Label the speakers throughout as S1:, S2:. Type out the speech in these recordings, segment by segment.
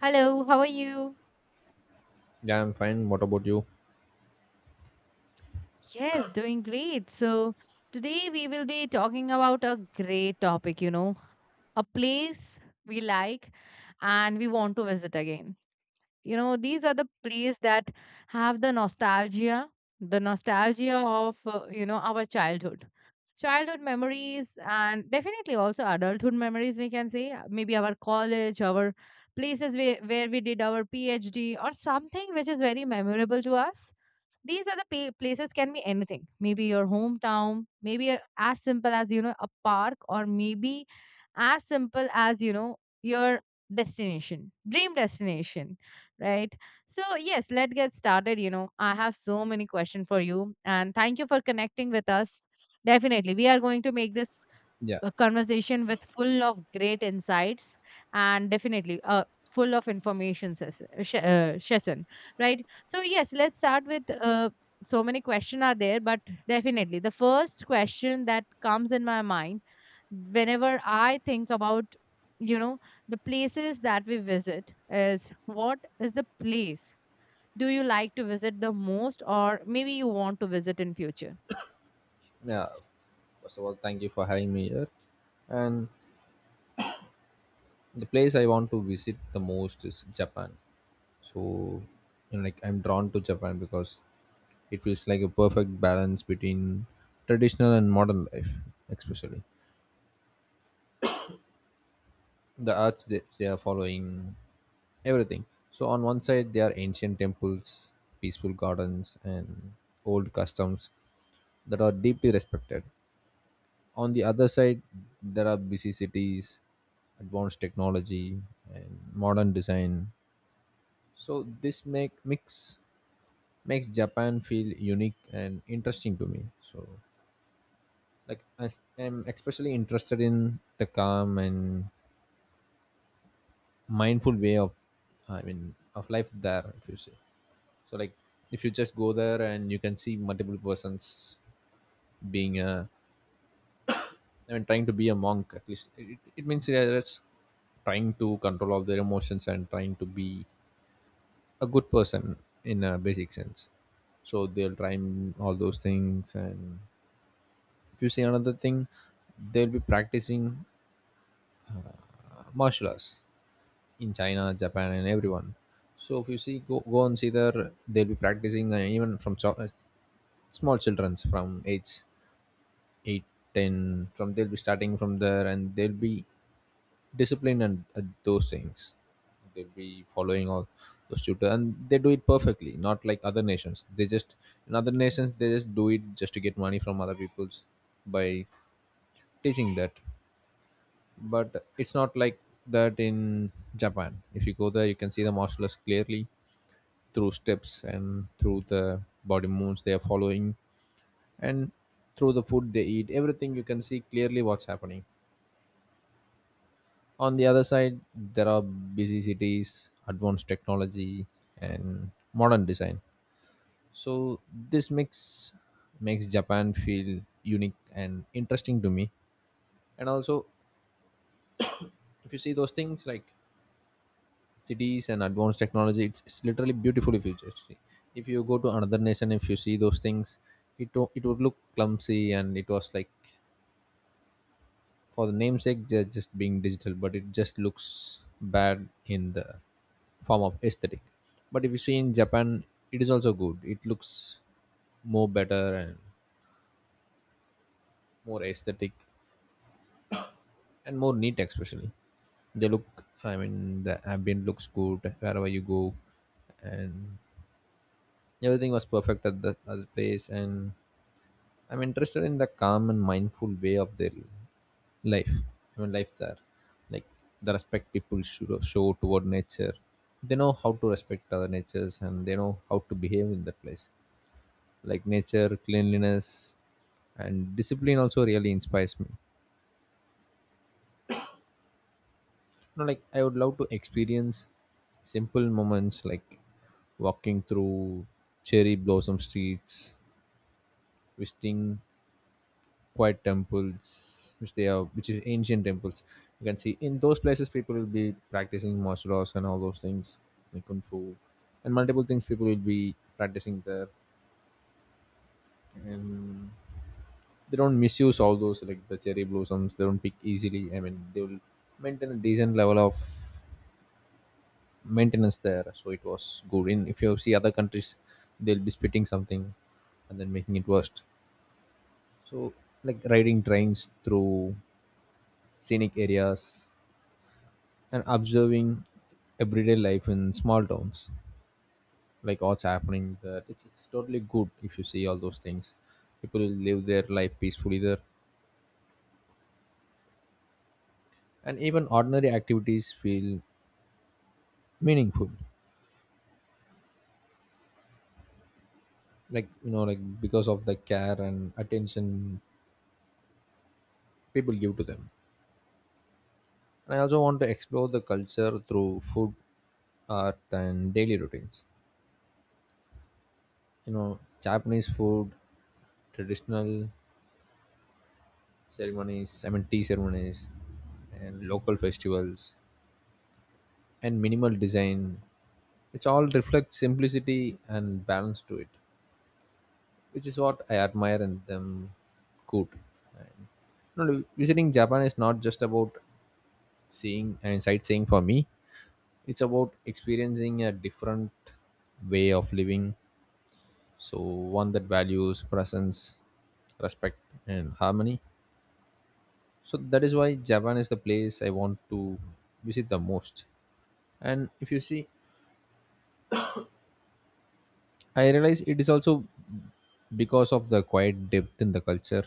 S1: Hello, how are you?
S2: Yeah, I'm fine. What about you?
S1: Yes, doing great. So, today we will be talking about a great topic, a place we like and we want to visit again. You know, these are the places that have the nostalgia of, our childhood. Childhood memories and definitely also adulthood memories, we can say, maybe our college, our places where we did our PhD or something which is very memorable to us. These are the places can be anything. Maybe your hometown, maybe as simple as a park or maybe as simple as your destination, dream destination, right? So yes, let's get started. I have so many questions for you and thank you for connecting with us. Definitely. We are going to make this
S2: Yeah,
S1: a conversation with full of great insights and definitely full of information session, right? So yes, let's start with uh, so many questions are there, but definitely the first question that comes in my mind whenever I think about you know the places that we visit is, what is the place do you like to visit the most, or maybe you want to visit in future?
S2: yeah. First of all, thank you for having me here. And the place I want to visit the most is Japan. So, you know, like I'm drawn to Japan because it feels like a perfect balance between traditional and modern life, especially the arts that they are following, everything. So on one side, there are ancient temples, peaceful gardens, and old customs that are deeply respected. On the other side, there are busy cities, advanced technology, and modern design. So this makes Japan feel unique and interesting to me. So, like, I am especially interested in the calm and mindful way of, I mean, of life there, if you say. So, like, if you just go there and you can see multiple persons being a I mean, trying to be a monk. At least, it means, yeah, that's trying to control all their emotions and trying to be a good person in a basic sense. So they'll try and all those things. And if you see another thing, they'll be practicing martial arts in China, Japan, and everyone. So if you see, go and see there, they'll be practicing, even from small childrens from age 8, 10. From, they'll be starting from there, and they'll be discipline, and at those things, they'll be following all those tutor, and they do it perfectly, not like other nations. They just, in other nations, they just do it just to get money from other people's, by teaching that. But it's not like that in Japan. If you go there, you can see the martial arts clearly through steps and through the body moves they are following, and through the food they eat, everything. You can see clearly what's happening. On the other side, there are busy cities, advanced technology, and modern design. So this mix makes Japan feel unique and interesting to me. And also, if you see those things like cities and advanced technology, it's literally beautiful if you just see. If you go to another nation, if you see those things, it would look clumsy, and it was like, for the namesake they're just being digital, but it just looks bad in the form of aesthetic. But if you see in Japan, it is also good. It looks more better and more aesthetic and more neat, especially. They look, I mean, the ambient looks good wherever you go, and everything was perfect at the other place. And I'm interested in the calm and mindful way of their life. I mean, life there, like the respect people should show toward nature. They know how to respect other natures, and they know how to behave in that place, like nature, cleanliness, and discipline also really inspires me. You know, like, I would love to experience simple moments, like walking through cherry blossom streets, visiting quiet temples, which they are which is ancient temples. You can see in those places people will be practicing martial arts and all those things like kung fu, and multiple things people will be practicing there. And they don't misuse all those, like the cherry blossoms, they don't pick easily. I mean, they will maintain a decent level of maintenance there, so it was good. In, if you see other countries, they'll be spitting something and then making it worse. So, like, riding trains through scenic areas and observing everyday life in small towns, like what's happening there, it's totally good if you see all those things. People live their life peacefully there, and even ordinary activities feel meaningful, like, you know, like, because of the care and attention people give to them. And I also want to explore the culture through food, art, and daily routines. You know, Japanese food, traditional ceremonies, I mean tea ceremonies, and local festivals, and minimal design, it's all reflects simplicity and balance to it, which is what I admire in them. Good. You know, visiting Japan is not just about seeing and sightseeing for me. It's about experiencing a different way of living, so one that values presence, respect, and harmony. So that is why Japan is the place I want to visit the most. And if you see, I realize it is also because of the quiet depth in the culture.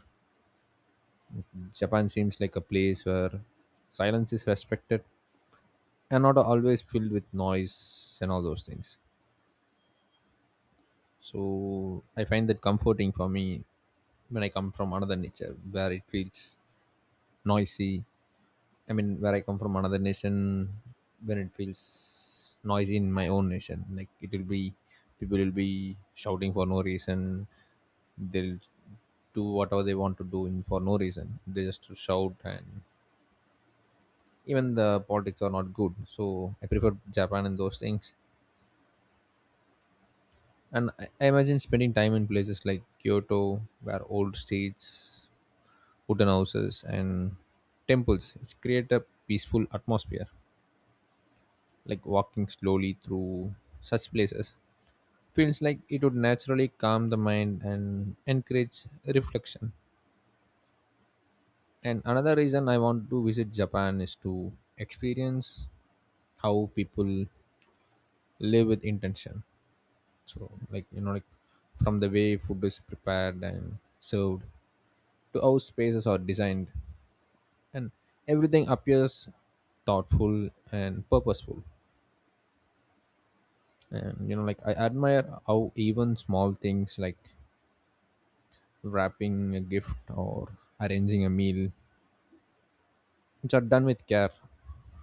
S2: Japan seems like a place where silence is respected and not always filled with noise and all those things. So I find that comforting for me when I come from another nature where it feels noisy. I mean, where I come from another nation, when it feels noisy in my own nation, like it will be people will be shouting for no reason. They'll do whatever they want to do in for no reason. They just to shout, and even the politics are not good. So I prefer Japan and those things. And I imagine spending time in places like Kyoto, where old streets, wooden houses, and temples. It's create a peaceful atmosphere. Like walking slowly through such places feels like it would naturally calm the mind and encourage reflection. And another reason I want to visit Japan is to experience how people live with intention. So, like, you know, like, from the way food is prepared and served to how spaces are designed, and everything appears thoughtful and purposeful. And, you know, like, I admire how even small things like wrapping a gift or arranging a meal, which are done with care.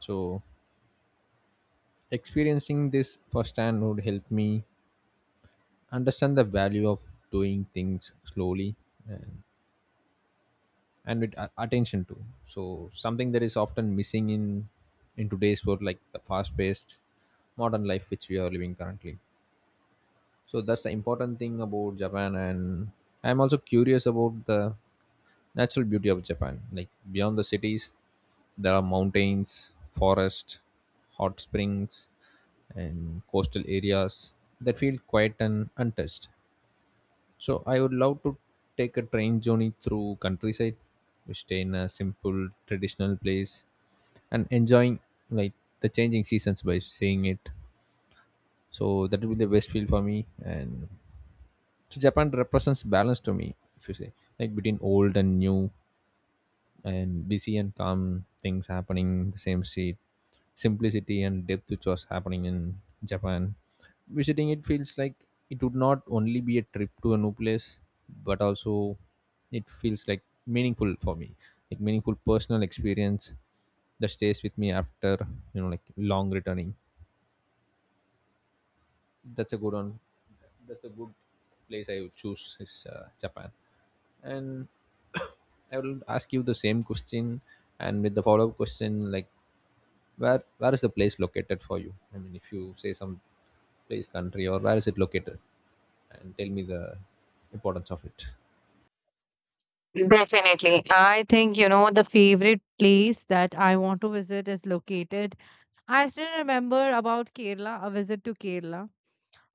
S2: So experiencing this firsthand would help me understand the value of doing things slowly and, and with attention to, so something that is often missing in today's world, like the fast paced modern life which we are living currently. So that's the important thing about Japan. And I'm also curious about the natural beauty of Japan. Like beyond the cities, there are mountains, forests, hot springs, and coastal areas that feel quiet and untouched. So I would love to take a train journey through countryside, we stay in a simple traditional place and enjoying, like, the changing seasons by seeing it. So that will be the best feel for me. And so Japan represents balance to me, if you say, like between old and new, and busy and calm, things happening the same seat, simplicity and depth which was happening in Japan. Visiting it feels like it would not only be a trip to a new place, but also it feels like meaningful for me, like meaningful personal experience that stays with me after, you know, like, long returning. That's a good one. That's a good place I would choose is Japan. And I will ask you the same question, and with the follow up question, like, where is the place located for you? I mean, if you say some place, country, or where is it located, and tell me the importance of it.
S1: Definitely. I think, you know, the favorite place that I want to visit is located. I still remember about Kerala, a visit to Kerala,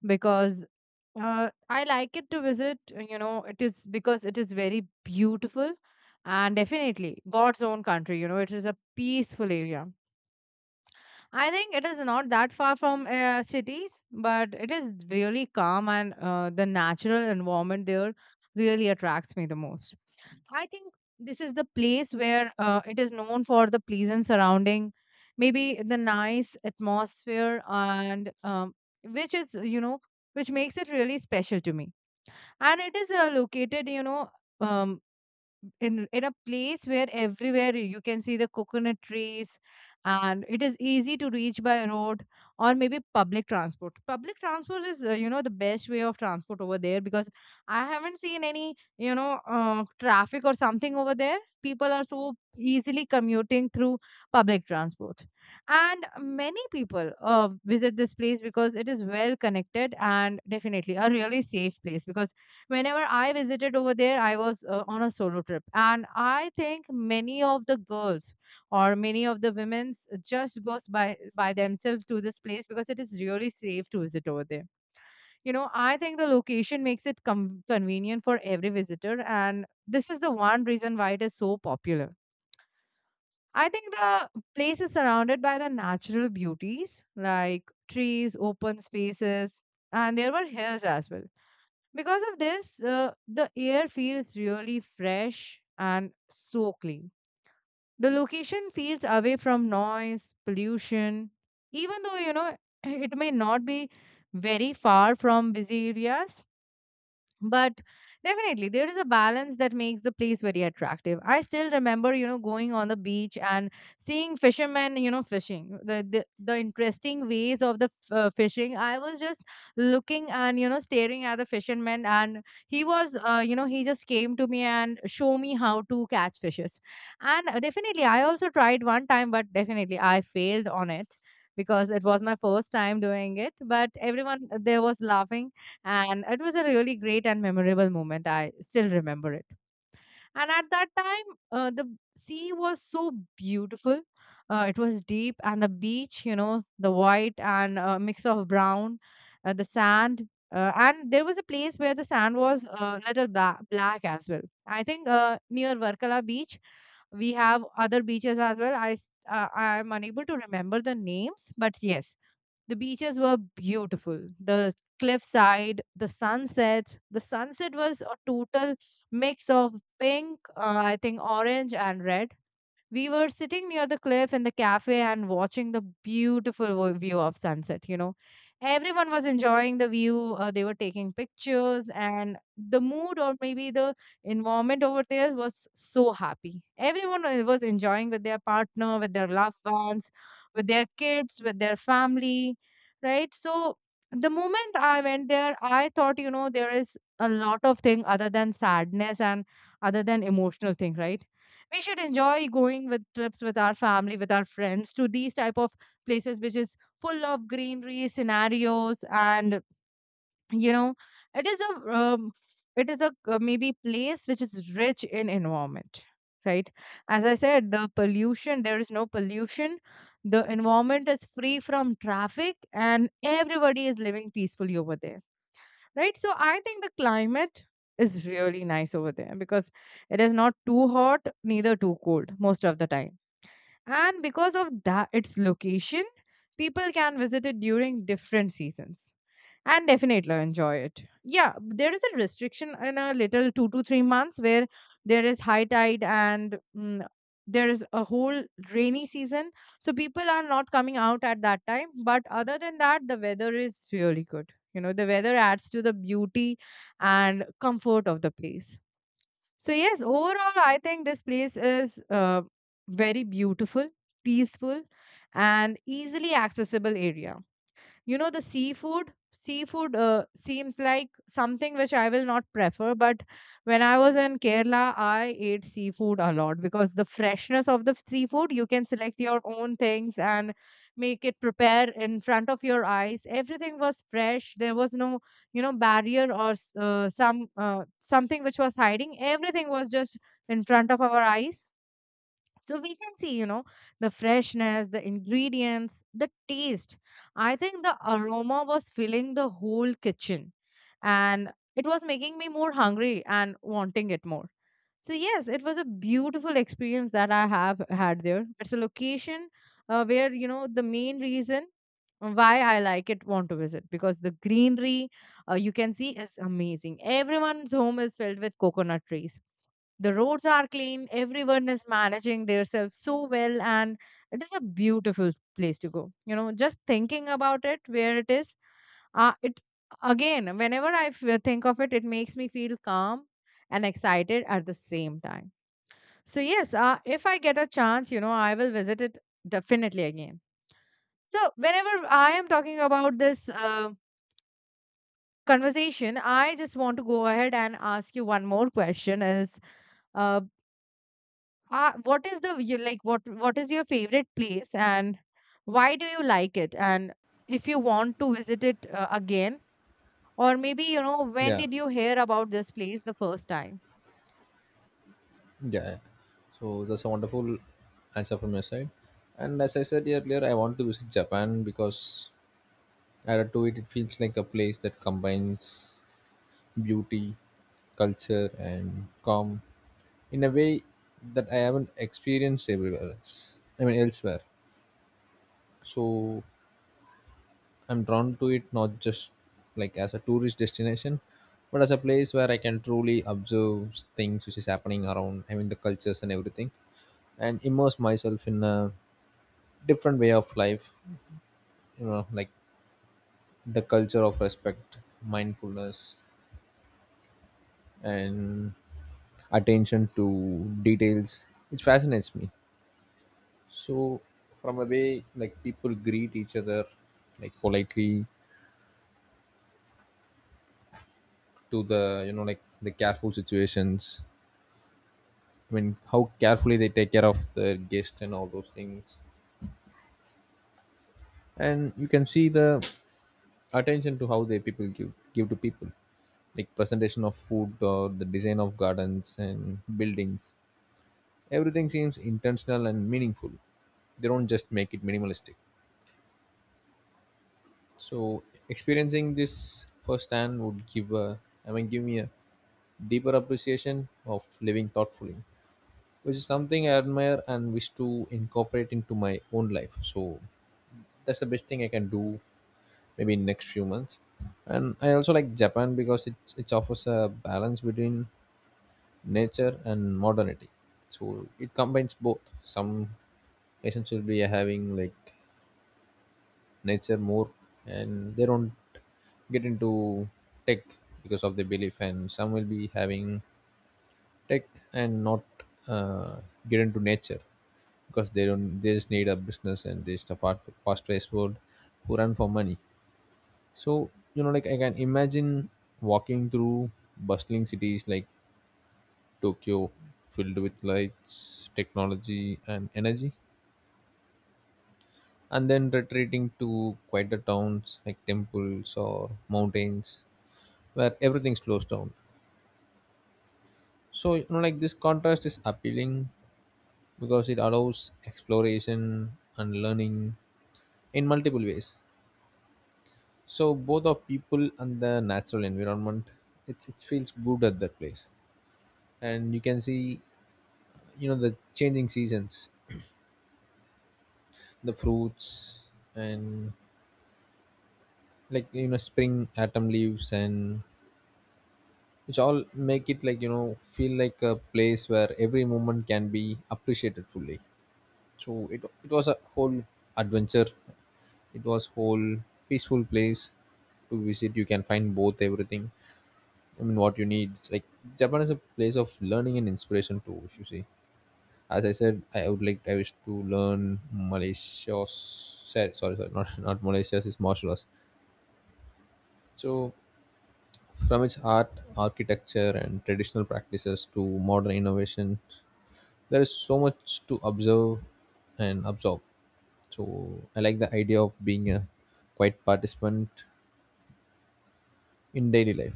S1: because I like it to visit, it is because it is very beautiful and definitely God's own country, you know, it is a peaceful area. I think it is not that far from cities, but it is really calm and the natural environment there really attracts me the most. I think this is the place where it is known for the pleasant surrounding, maybe the nice atmosphere and which is, you know, which makes it really special to me. And it is located, um in a place where everywhere you can see the coconut trees. And it is easy to reach by road or maybe public transport. Public transport is the best way of transport over there, because I haven't seen any traffic or something over there. People are so easily commuting through public transport. And many people visit this place because it is well connected and definitely a really safe place, because whenever I visited over there, I was on a solo trip. And I think many of the girls or many of the women just goes by themselves to this place because it is really safe to visit over there. You know, I think the location makes it convenient for every visitor. And this is the one reason why it is so popular. I think the place is surrounded by the natural beauties like trees, open spaces, and there were hills as well. Because of this, the air feels really fresh and so clean. The location feels away from noise, pollution, even though, you know, it may not be very far from busy areas. But definitely, there is a balance that makes the place very attractive. I still remember, you know, going on the beach and seeing fishermen, you know, fishing. The interesting ways of the fishing. I was just looking and you know staring at the fisherman, and he was, he just came to me and show me how to catch fishes. And definitely, I also tried one time, but definitely I failed on it because it was my first time doing it. But everyone there was laughing and it was a really great and memorable moment. I still remember it. And at that time, the sea was so beautiful. It was deep, and the beach, you know, the white and mix of brown, the sand. And there was a place where the sand was a little black as well. I think near Varkala beach, we have other beaches as well. I am unable to remember the names, but yes, the beaches were beautiful. The cliffside, the sunsets. The sunset was a total mix of pink, I think orange and red. We were sitting near the cliff in the cafe and watching the beautiful view of sunset. You know, everyone was enjoying the view. They were taking pictures and the mood or maybe the environment over there was so happy. Everyone was enjoying with their partner, with their loved ones, with their kids, with their family, right? So the moment I went there, I thought, you know, there is a lot of thing other than sadness and other than emotional thing, right? We should enjoy going with trips with our family, with our friends, to these type of places which is full of greenery scenarios. And you know, it is a um, it is a maybe place which is rich in environment, right? As I said, the pollution, there is no pollution. The environment is free from traffic and everybody is living peacefully over there, right? So I think the climate is really nice over there, because it is not too hot, neither too cold most of the time. And because of that, its location, people can visit it during different seasons and definitely enjoy it. Yeah, there is a restriction in a little 2 to 3 months where there is high tide and there is a whole rainy season. So people are not coming out at that time. But other than that, the weather is really good. You know, the weather adds to the beauty and comfort of the place. So yes, overall, I think this place is very beautiful, peaceful, and easily accessible area. You know, the seafood, seems like something which I will not prefer, but when I was in Kerala, I ate seafood a lot. Because the freshness of the seafood, you can select your own things and make it prepare in front of your eyes. Everything was fresh. There was no, you know, barrier or something which was hiding. Everything was just in front of our eyes, so we can see, you know, the freshness, the ingredients, the taste. I think the aroma was filling the whole kitchen, and it was making me more hungry and wanting it more. So, yes, it was a beautiful experience that I have had there. It's a location where, you know, the main reason why I like it, want to visit, because the greenery you can see is amazing. Everyone's home is filled with coconut trees. The roads are clean, everyone is managing themselves so well, and it is a beautiful place to go. You know, just thinking about it, where it is, it again, whenever I think of it, it makes me feel calm and excited at the same time. So, yes, if I get a chance, you know, I will visit it definitely again. So, whenever I am talking about this conversation, I just want to go ahead and ask you one more question is, uh, what is the you like what is your favorite place and why do you like it? And if you want to visit it again, or maybe, you know, when
S2: Yeah,
S1: did you hear about this place the first time?
S2: yeah, yeah. So that's a wonderful answer from your side. And as I said earlier, I want to visit Japan because, added to it, it feels like a place that combines beauty, culture, and calm in a way that I haven't experienced everywhere else. I mean, elsewhere. So I'm drawn to it not just like as a tourist destination, but as a place where I can truly observe things which is happening around. I mean the cultures and everything, and immerse myself in a different way of life. You know, like the culture of respect, mindfulness, and attention to details, which fascinates me. So, from a way, like people greet each other, like politely, to the, you know, like, the careful situations, I mean, how carefully they take care of their guest and all those things, and you can see the attention to how they people give to people, like presentation of food or the design of gardens and buildings. Everything seems intentional and meaningful. They don't just make it minimalistic. So experiencing this firsthand would give a, I mean, give me a deeper appreciation of living thoughtfully, which is something I admire and wish to incorporate into my own life. So that's the best thing I can do maybe in next few months. And I also like Japan because it offers a balance between nature and modernity. So it combines both. Some nations will be having, like, nature more, and they don't get into tech because of their belief. And some will be having tech and not, uh, get into nature, because they don't, they just need a business, and they just a fast paced world who run for money. So, you know, like I can imagine walking through bustling cities like Tokyo, filled with lights, technology, and energy, and then retreating to quieter towns like temples or mountains where everything slows down. So, you know, like this contrast is appealing because it allows exploration and learning in multiple ways. So both of people and the natural environment, it feels good at that place, and you can see the changing seasons, the fruits, and spring, autumn leaves, and which all make it feel like a place where every moment can be appreciated fully. So it was a whole adventure. It was whole peaceful place to visit. You can find both everything, I mean what you need. It's like Japan is a place of learning and inspiration too. If you see, as I said, I would like, I wish to learn Malaysia's, sorry, sorry, not Malaysia's, is martial arts. So from its art, architecture, and traditional practices to modern innovation, there is so much to observe and absorb. So I like the idea of being a quiet participant in daily life,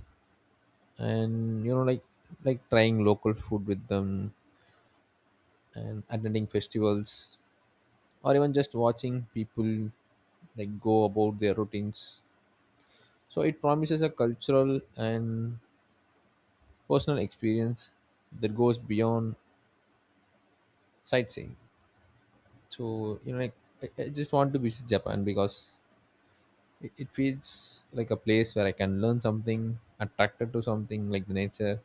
S2: and like trying local food with them and attending festivals, or even just watching people like go about their routines. So it promises a cultural and personal experience that goes beyond sightseeing. So I just want to visit Japan because it feels like a place where I can learn something, attracted to something like the nature,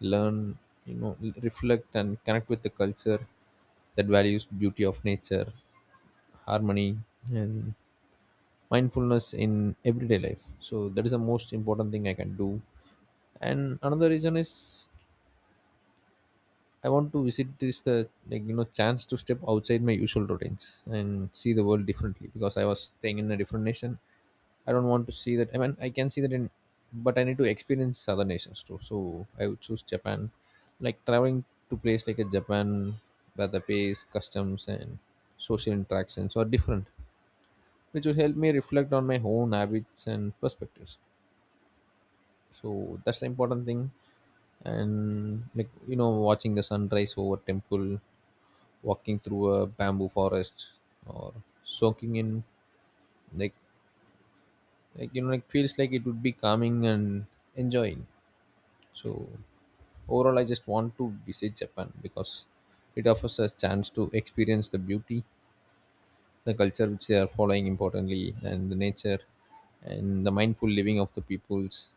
S2: learn, reflect and connect with the culture that values beauty of nature, harmony, and mindfulness in everyday life. So that is the most important thing I can do. And another reason is I want to visit this the chance to step outside my usual routines and see the world differently, because I was staying in a different nation. I don't want to see that. I mean, I can see that in, but I need to experience other nations too. So I would choose Japan, like traveling to place like a Japan where the pace, customs, and social interactions are different, which will help me reflect on my own habits and perspectives. So that's the important thing, and watching the sunrise over temple, walking through a bamboo forest, or soaking in, like, feels like it would be calming and enjoying. So overall I just want to visit Japan because it offers a chance to experience the beauty, the culture which they are following importantly, and the nature, and the mindful living of the peoples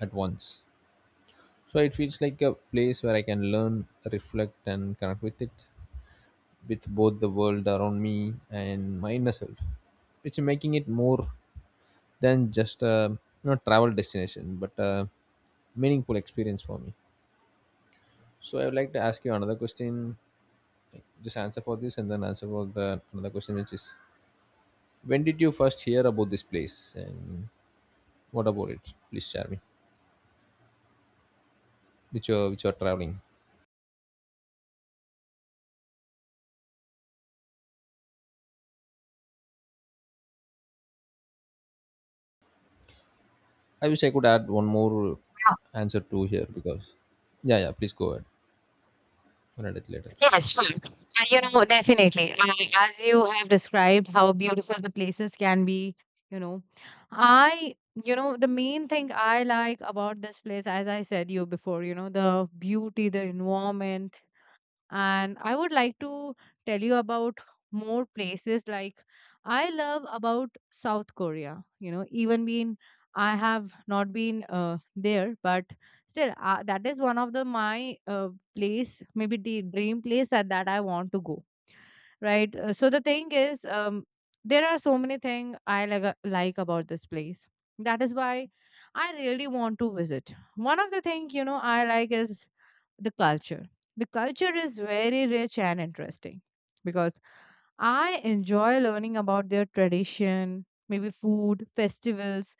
S2: at once. So it feels like a place where I can learn, reflect, and connect with it, with both the world around me and my inner self. It's making it more than just a travel destination, but a meaningful experience for me. So I would like to ask you another question. Like, just answer for this, and then answer for the another question, which is, when did you first hear about this place, and what about it? Please share me. Which you are traveling. I wish I could add one more answer to here because, yeah, yeah, please go ahead. We'll add it later.
S1: Yes, sure. You know, definitely. As you have described how beautiful the places can be, you know, I, you know, the main thing I like about this place, as I said you before, you know, the beauty, the environment, and I would like to tell you about more places like, I love about south korea. You know, even been I have not been there, but still that is one of the my place, maybe the dream place that I want to go, right? So the thing is, there are so many things I like, like about this place. That is why I really want to visit. One of the thing, you know, I like is the culture. The culture is very rich and interesting because I enjoy learning about their tradition, maybe food, festivals,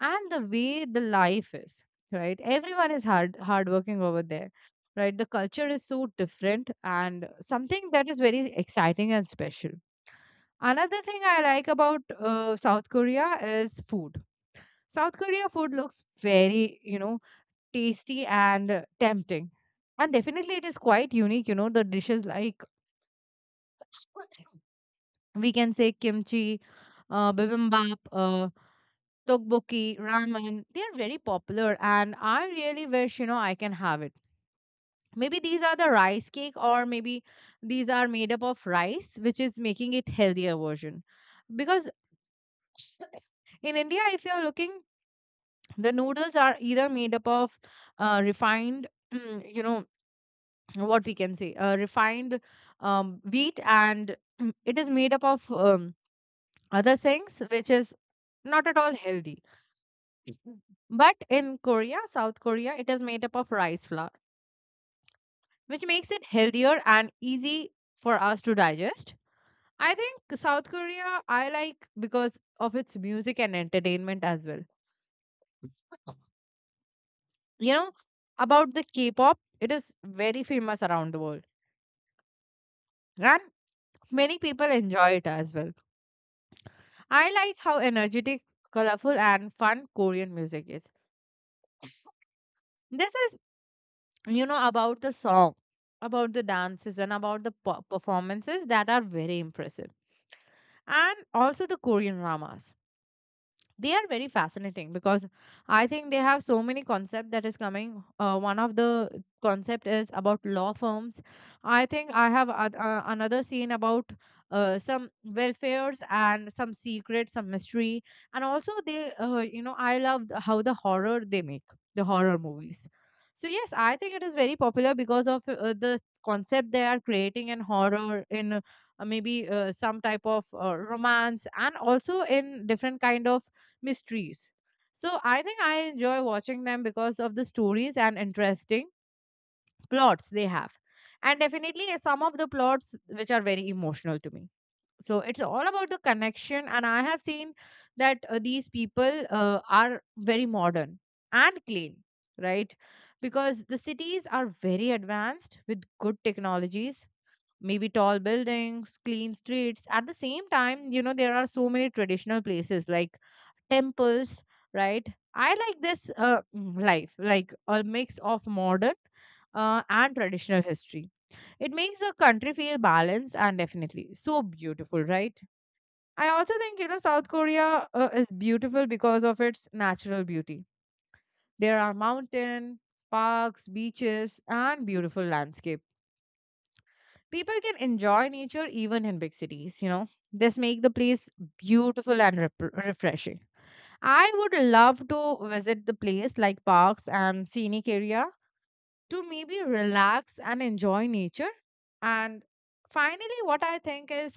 S1: and the way the life is, right? Everyone is hardworking over there, right? The culture is so different and something that is very exciting and special. Another thing I like about South Korea is food. South Korea food looks very, you know, tasty and tempting. And definitely, it is quite unique. You know, the dishes like we can say kimchi, bibimbap, tteokbokki, ramen. They are very popular, and I really wish, you know, I can have it. Maybe these are the rice cake, or maybe these are made up of rice, which is making it healthier version. Because in India, if you are looking, the noodles are either made up of refined, mm, you know, what we can say refined wheat and it is made up of other things which is not at all healthy. Mm. But in Korea, south Korea, it is made up of rice flour, which makes it healthier and easy for us to digest. I think south Korea I like because of its music and entertainment as well. you know about the K-pop, it is very famous around the world, and many people enjoy it as well. I like how energetic, colorful, and fun Korean music is. This is, about the song, about the dances, and about the performances that are very impressive. And also the Korean dramas. They are very fascinating because I think they have so many concepts that is coming. One of the concept is about law firms. I think I have another scene about some welfares and some secret, some mystery. And also they, uh, I love how the horror they make, the horror movies. So yes, I think it is very popular because of the concept they are creating in horror, in maybe some type of romance and also in different kind of mysteries. So I think I enjoy watching them because of the stories and interesting plots they have. And definitely some of the plots which are very emotional to me. So it's all about the connection. And I have seen that these people are very modern and clean, right? Because the cities are very advanced with good technologies, maybe tall buildings, clean streets. At the same time, you know, there are so many traditional places like temples, right? I like this life, like a mix of modern and traditional history. It makes the country feel balanced and definitely so beautiful, right? I also think, you know, south Korea is beautiful because of its natural beauty. There are mountain, parks, beaches, and beautiful landscape. People can enjoy nature even in big cities, you know. This make the place beautiful and refreshing. I would love to visit the place like parks and scenic area to maybe relax and enjoy nature. And finally, what I think is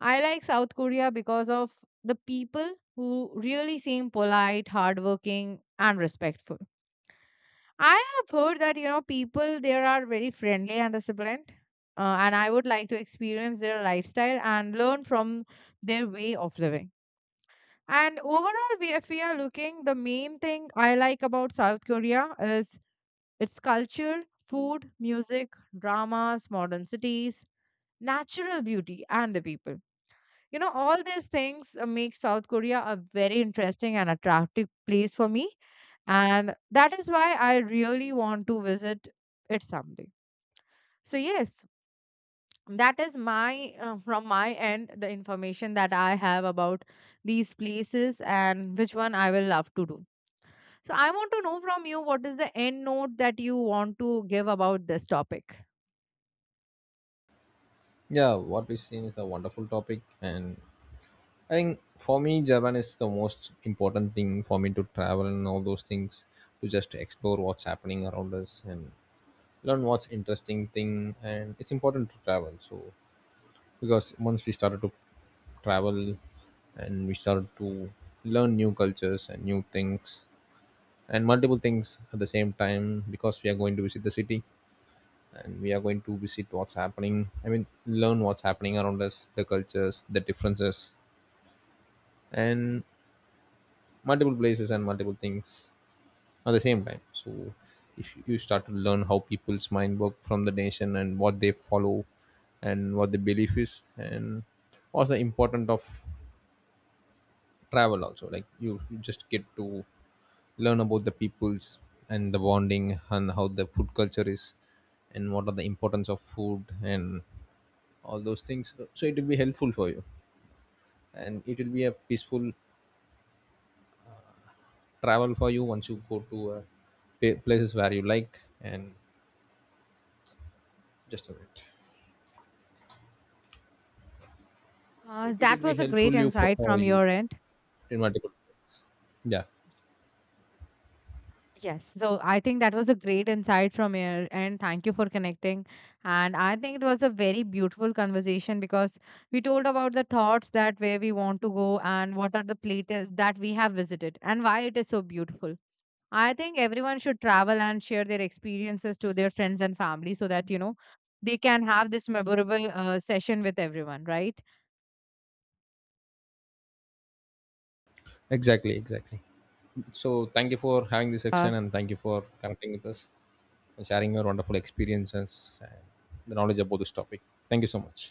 S1: I like South Korea because of the people who really seem polite, hardworking, and respectful. I have heard that, you know, people there are very friendly and disciplined. And I would like to experience their lifestyle and learn from their way of living. And overall, we, if we are looking, the main thing I like about South Korea is its culture, food, music, dramas, modern cities, natural beauty, and the people. You know, all these things make South Korea a very interesting and attractive place for me, and that is why I really want to visit it someday. So, yes, that is my, from my end, the information that I have about these places and which one I will love to do. So, I want to know from you what is the end note that you want to give about this topic.
S2: Yeah, what we've seen is a wonderful topic, and I think for me, Japan is the most important thing for me to travel and all those things, to just explore what's happening around us and learn what's interesting thing. And it's important to travel. So because once we started to travel and we started to learn new cultures and new things and multiple things at the same time, because we are going to visit the city and we are going to visit what's happening, I mean learn what's happening around us, the cultures, the differences, and multiple places and multiple things at the same time. So if you start to learn how people's mind work from the nation and what they follow and what the belief is and what's the important of travel also, like you just get to learn about the peoples and the bonding and how the food culture is and what are the importance of food and all those things. So it will be helpful for you, and it will be a peaceful travel for you once you go to places where you like, and just a minute. It will
S1: That
S2: be
S1: was a great
S2: helpful you for,
S1: insight
S2: for
S1: from
S2: you
S1: your end.
S2: in multiple ways. Yeah.
S1: Yes. So I think that was a great insight from here, and thank you for connecting. And I think it was a very beautiful conversation because we told about the thoughts that where we want to go and what are the places that we have visited and why it is so beautiful. I think everyone should travel and share their experiences to their friends and family so that, you know, they can have this memorable session with everyone, right?
S2: Exactly, exactly. So thank you for having this
S1: Uh,
S2: section and thank you for connecting with us and sharing your wonderful experiences and the knowledge about this topic. Thank you so much.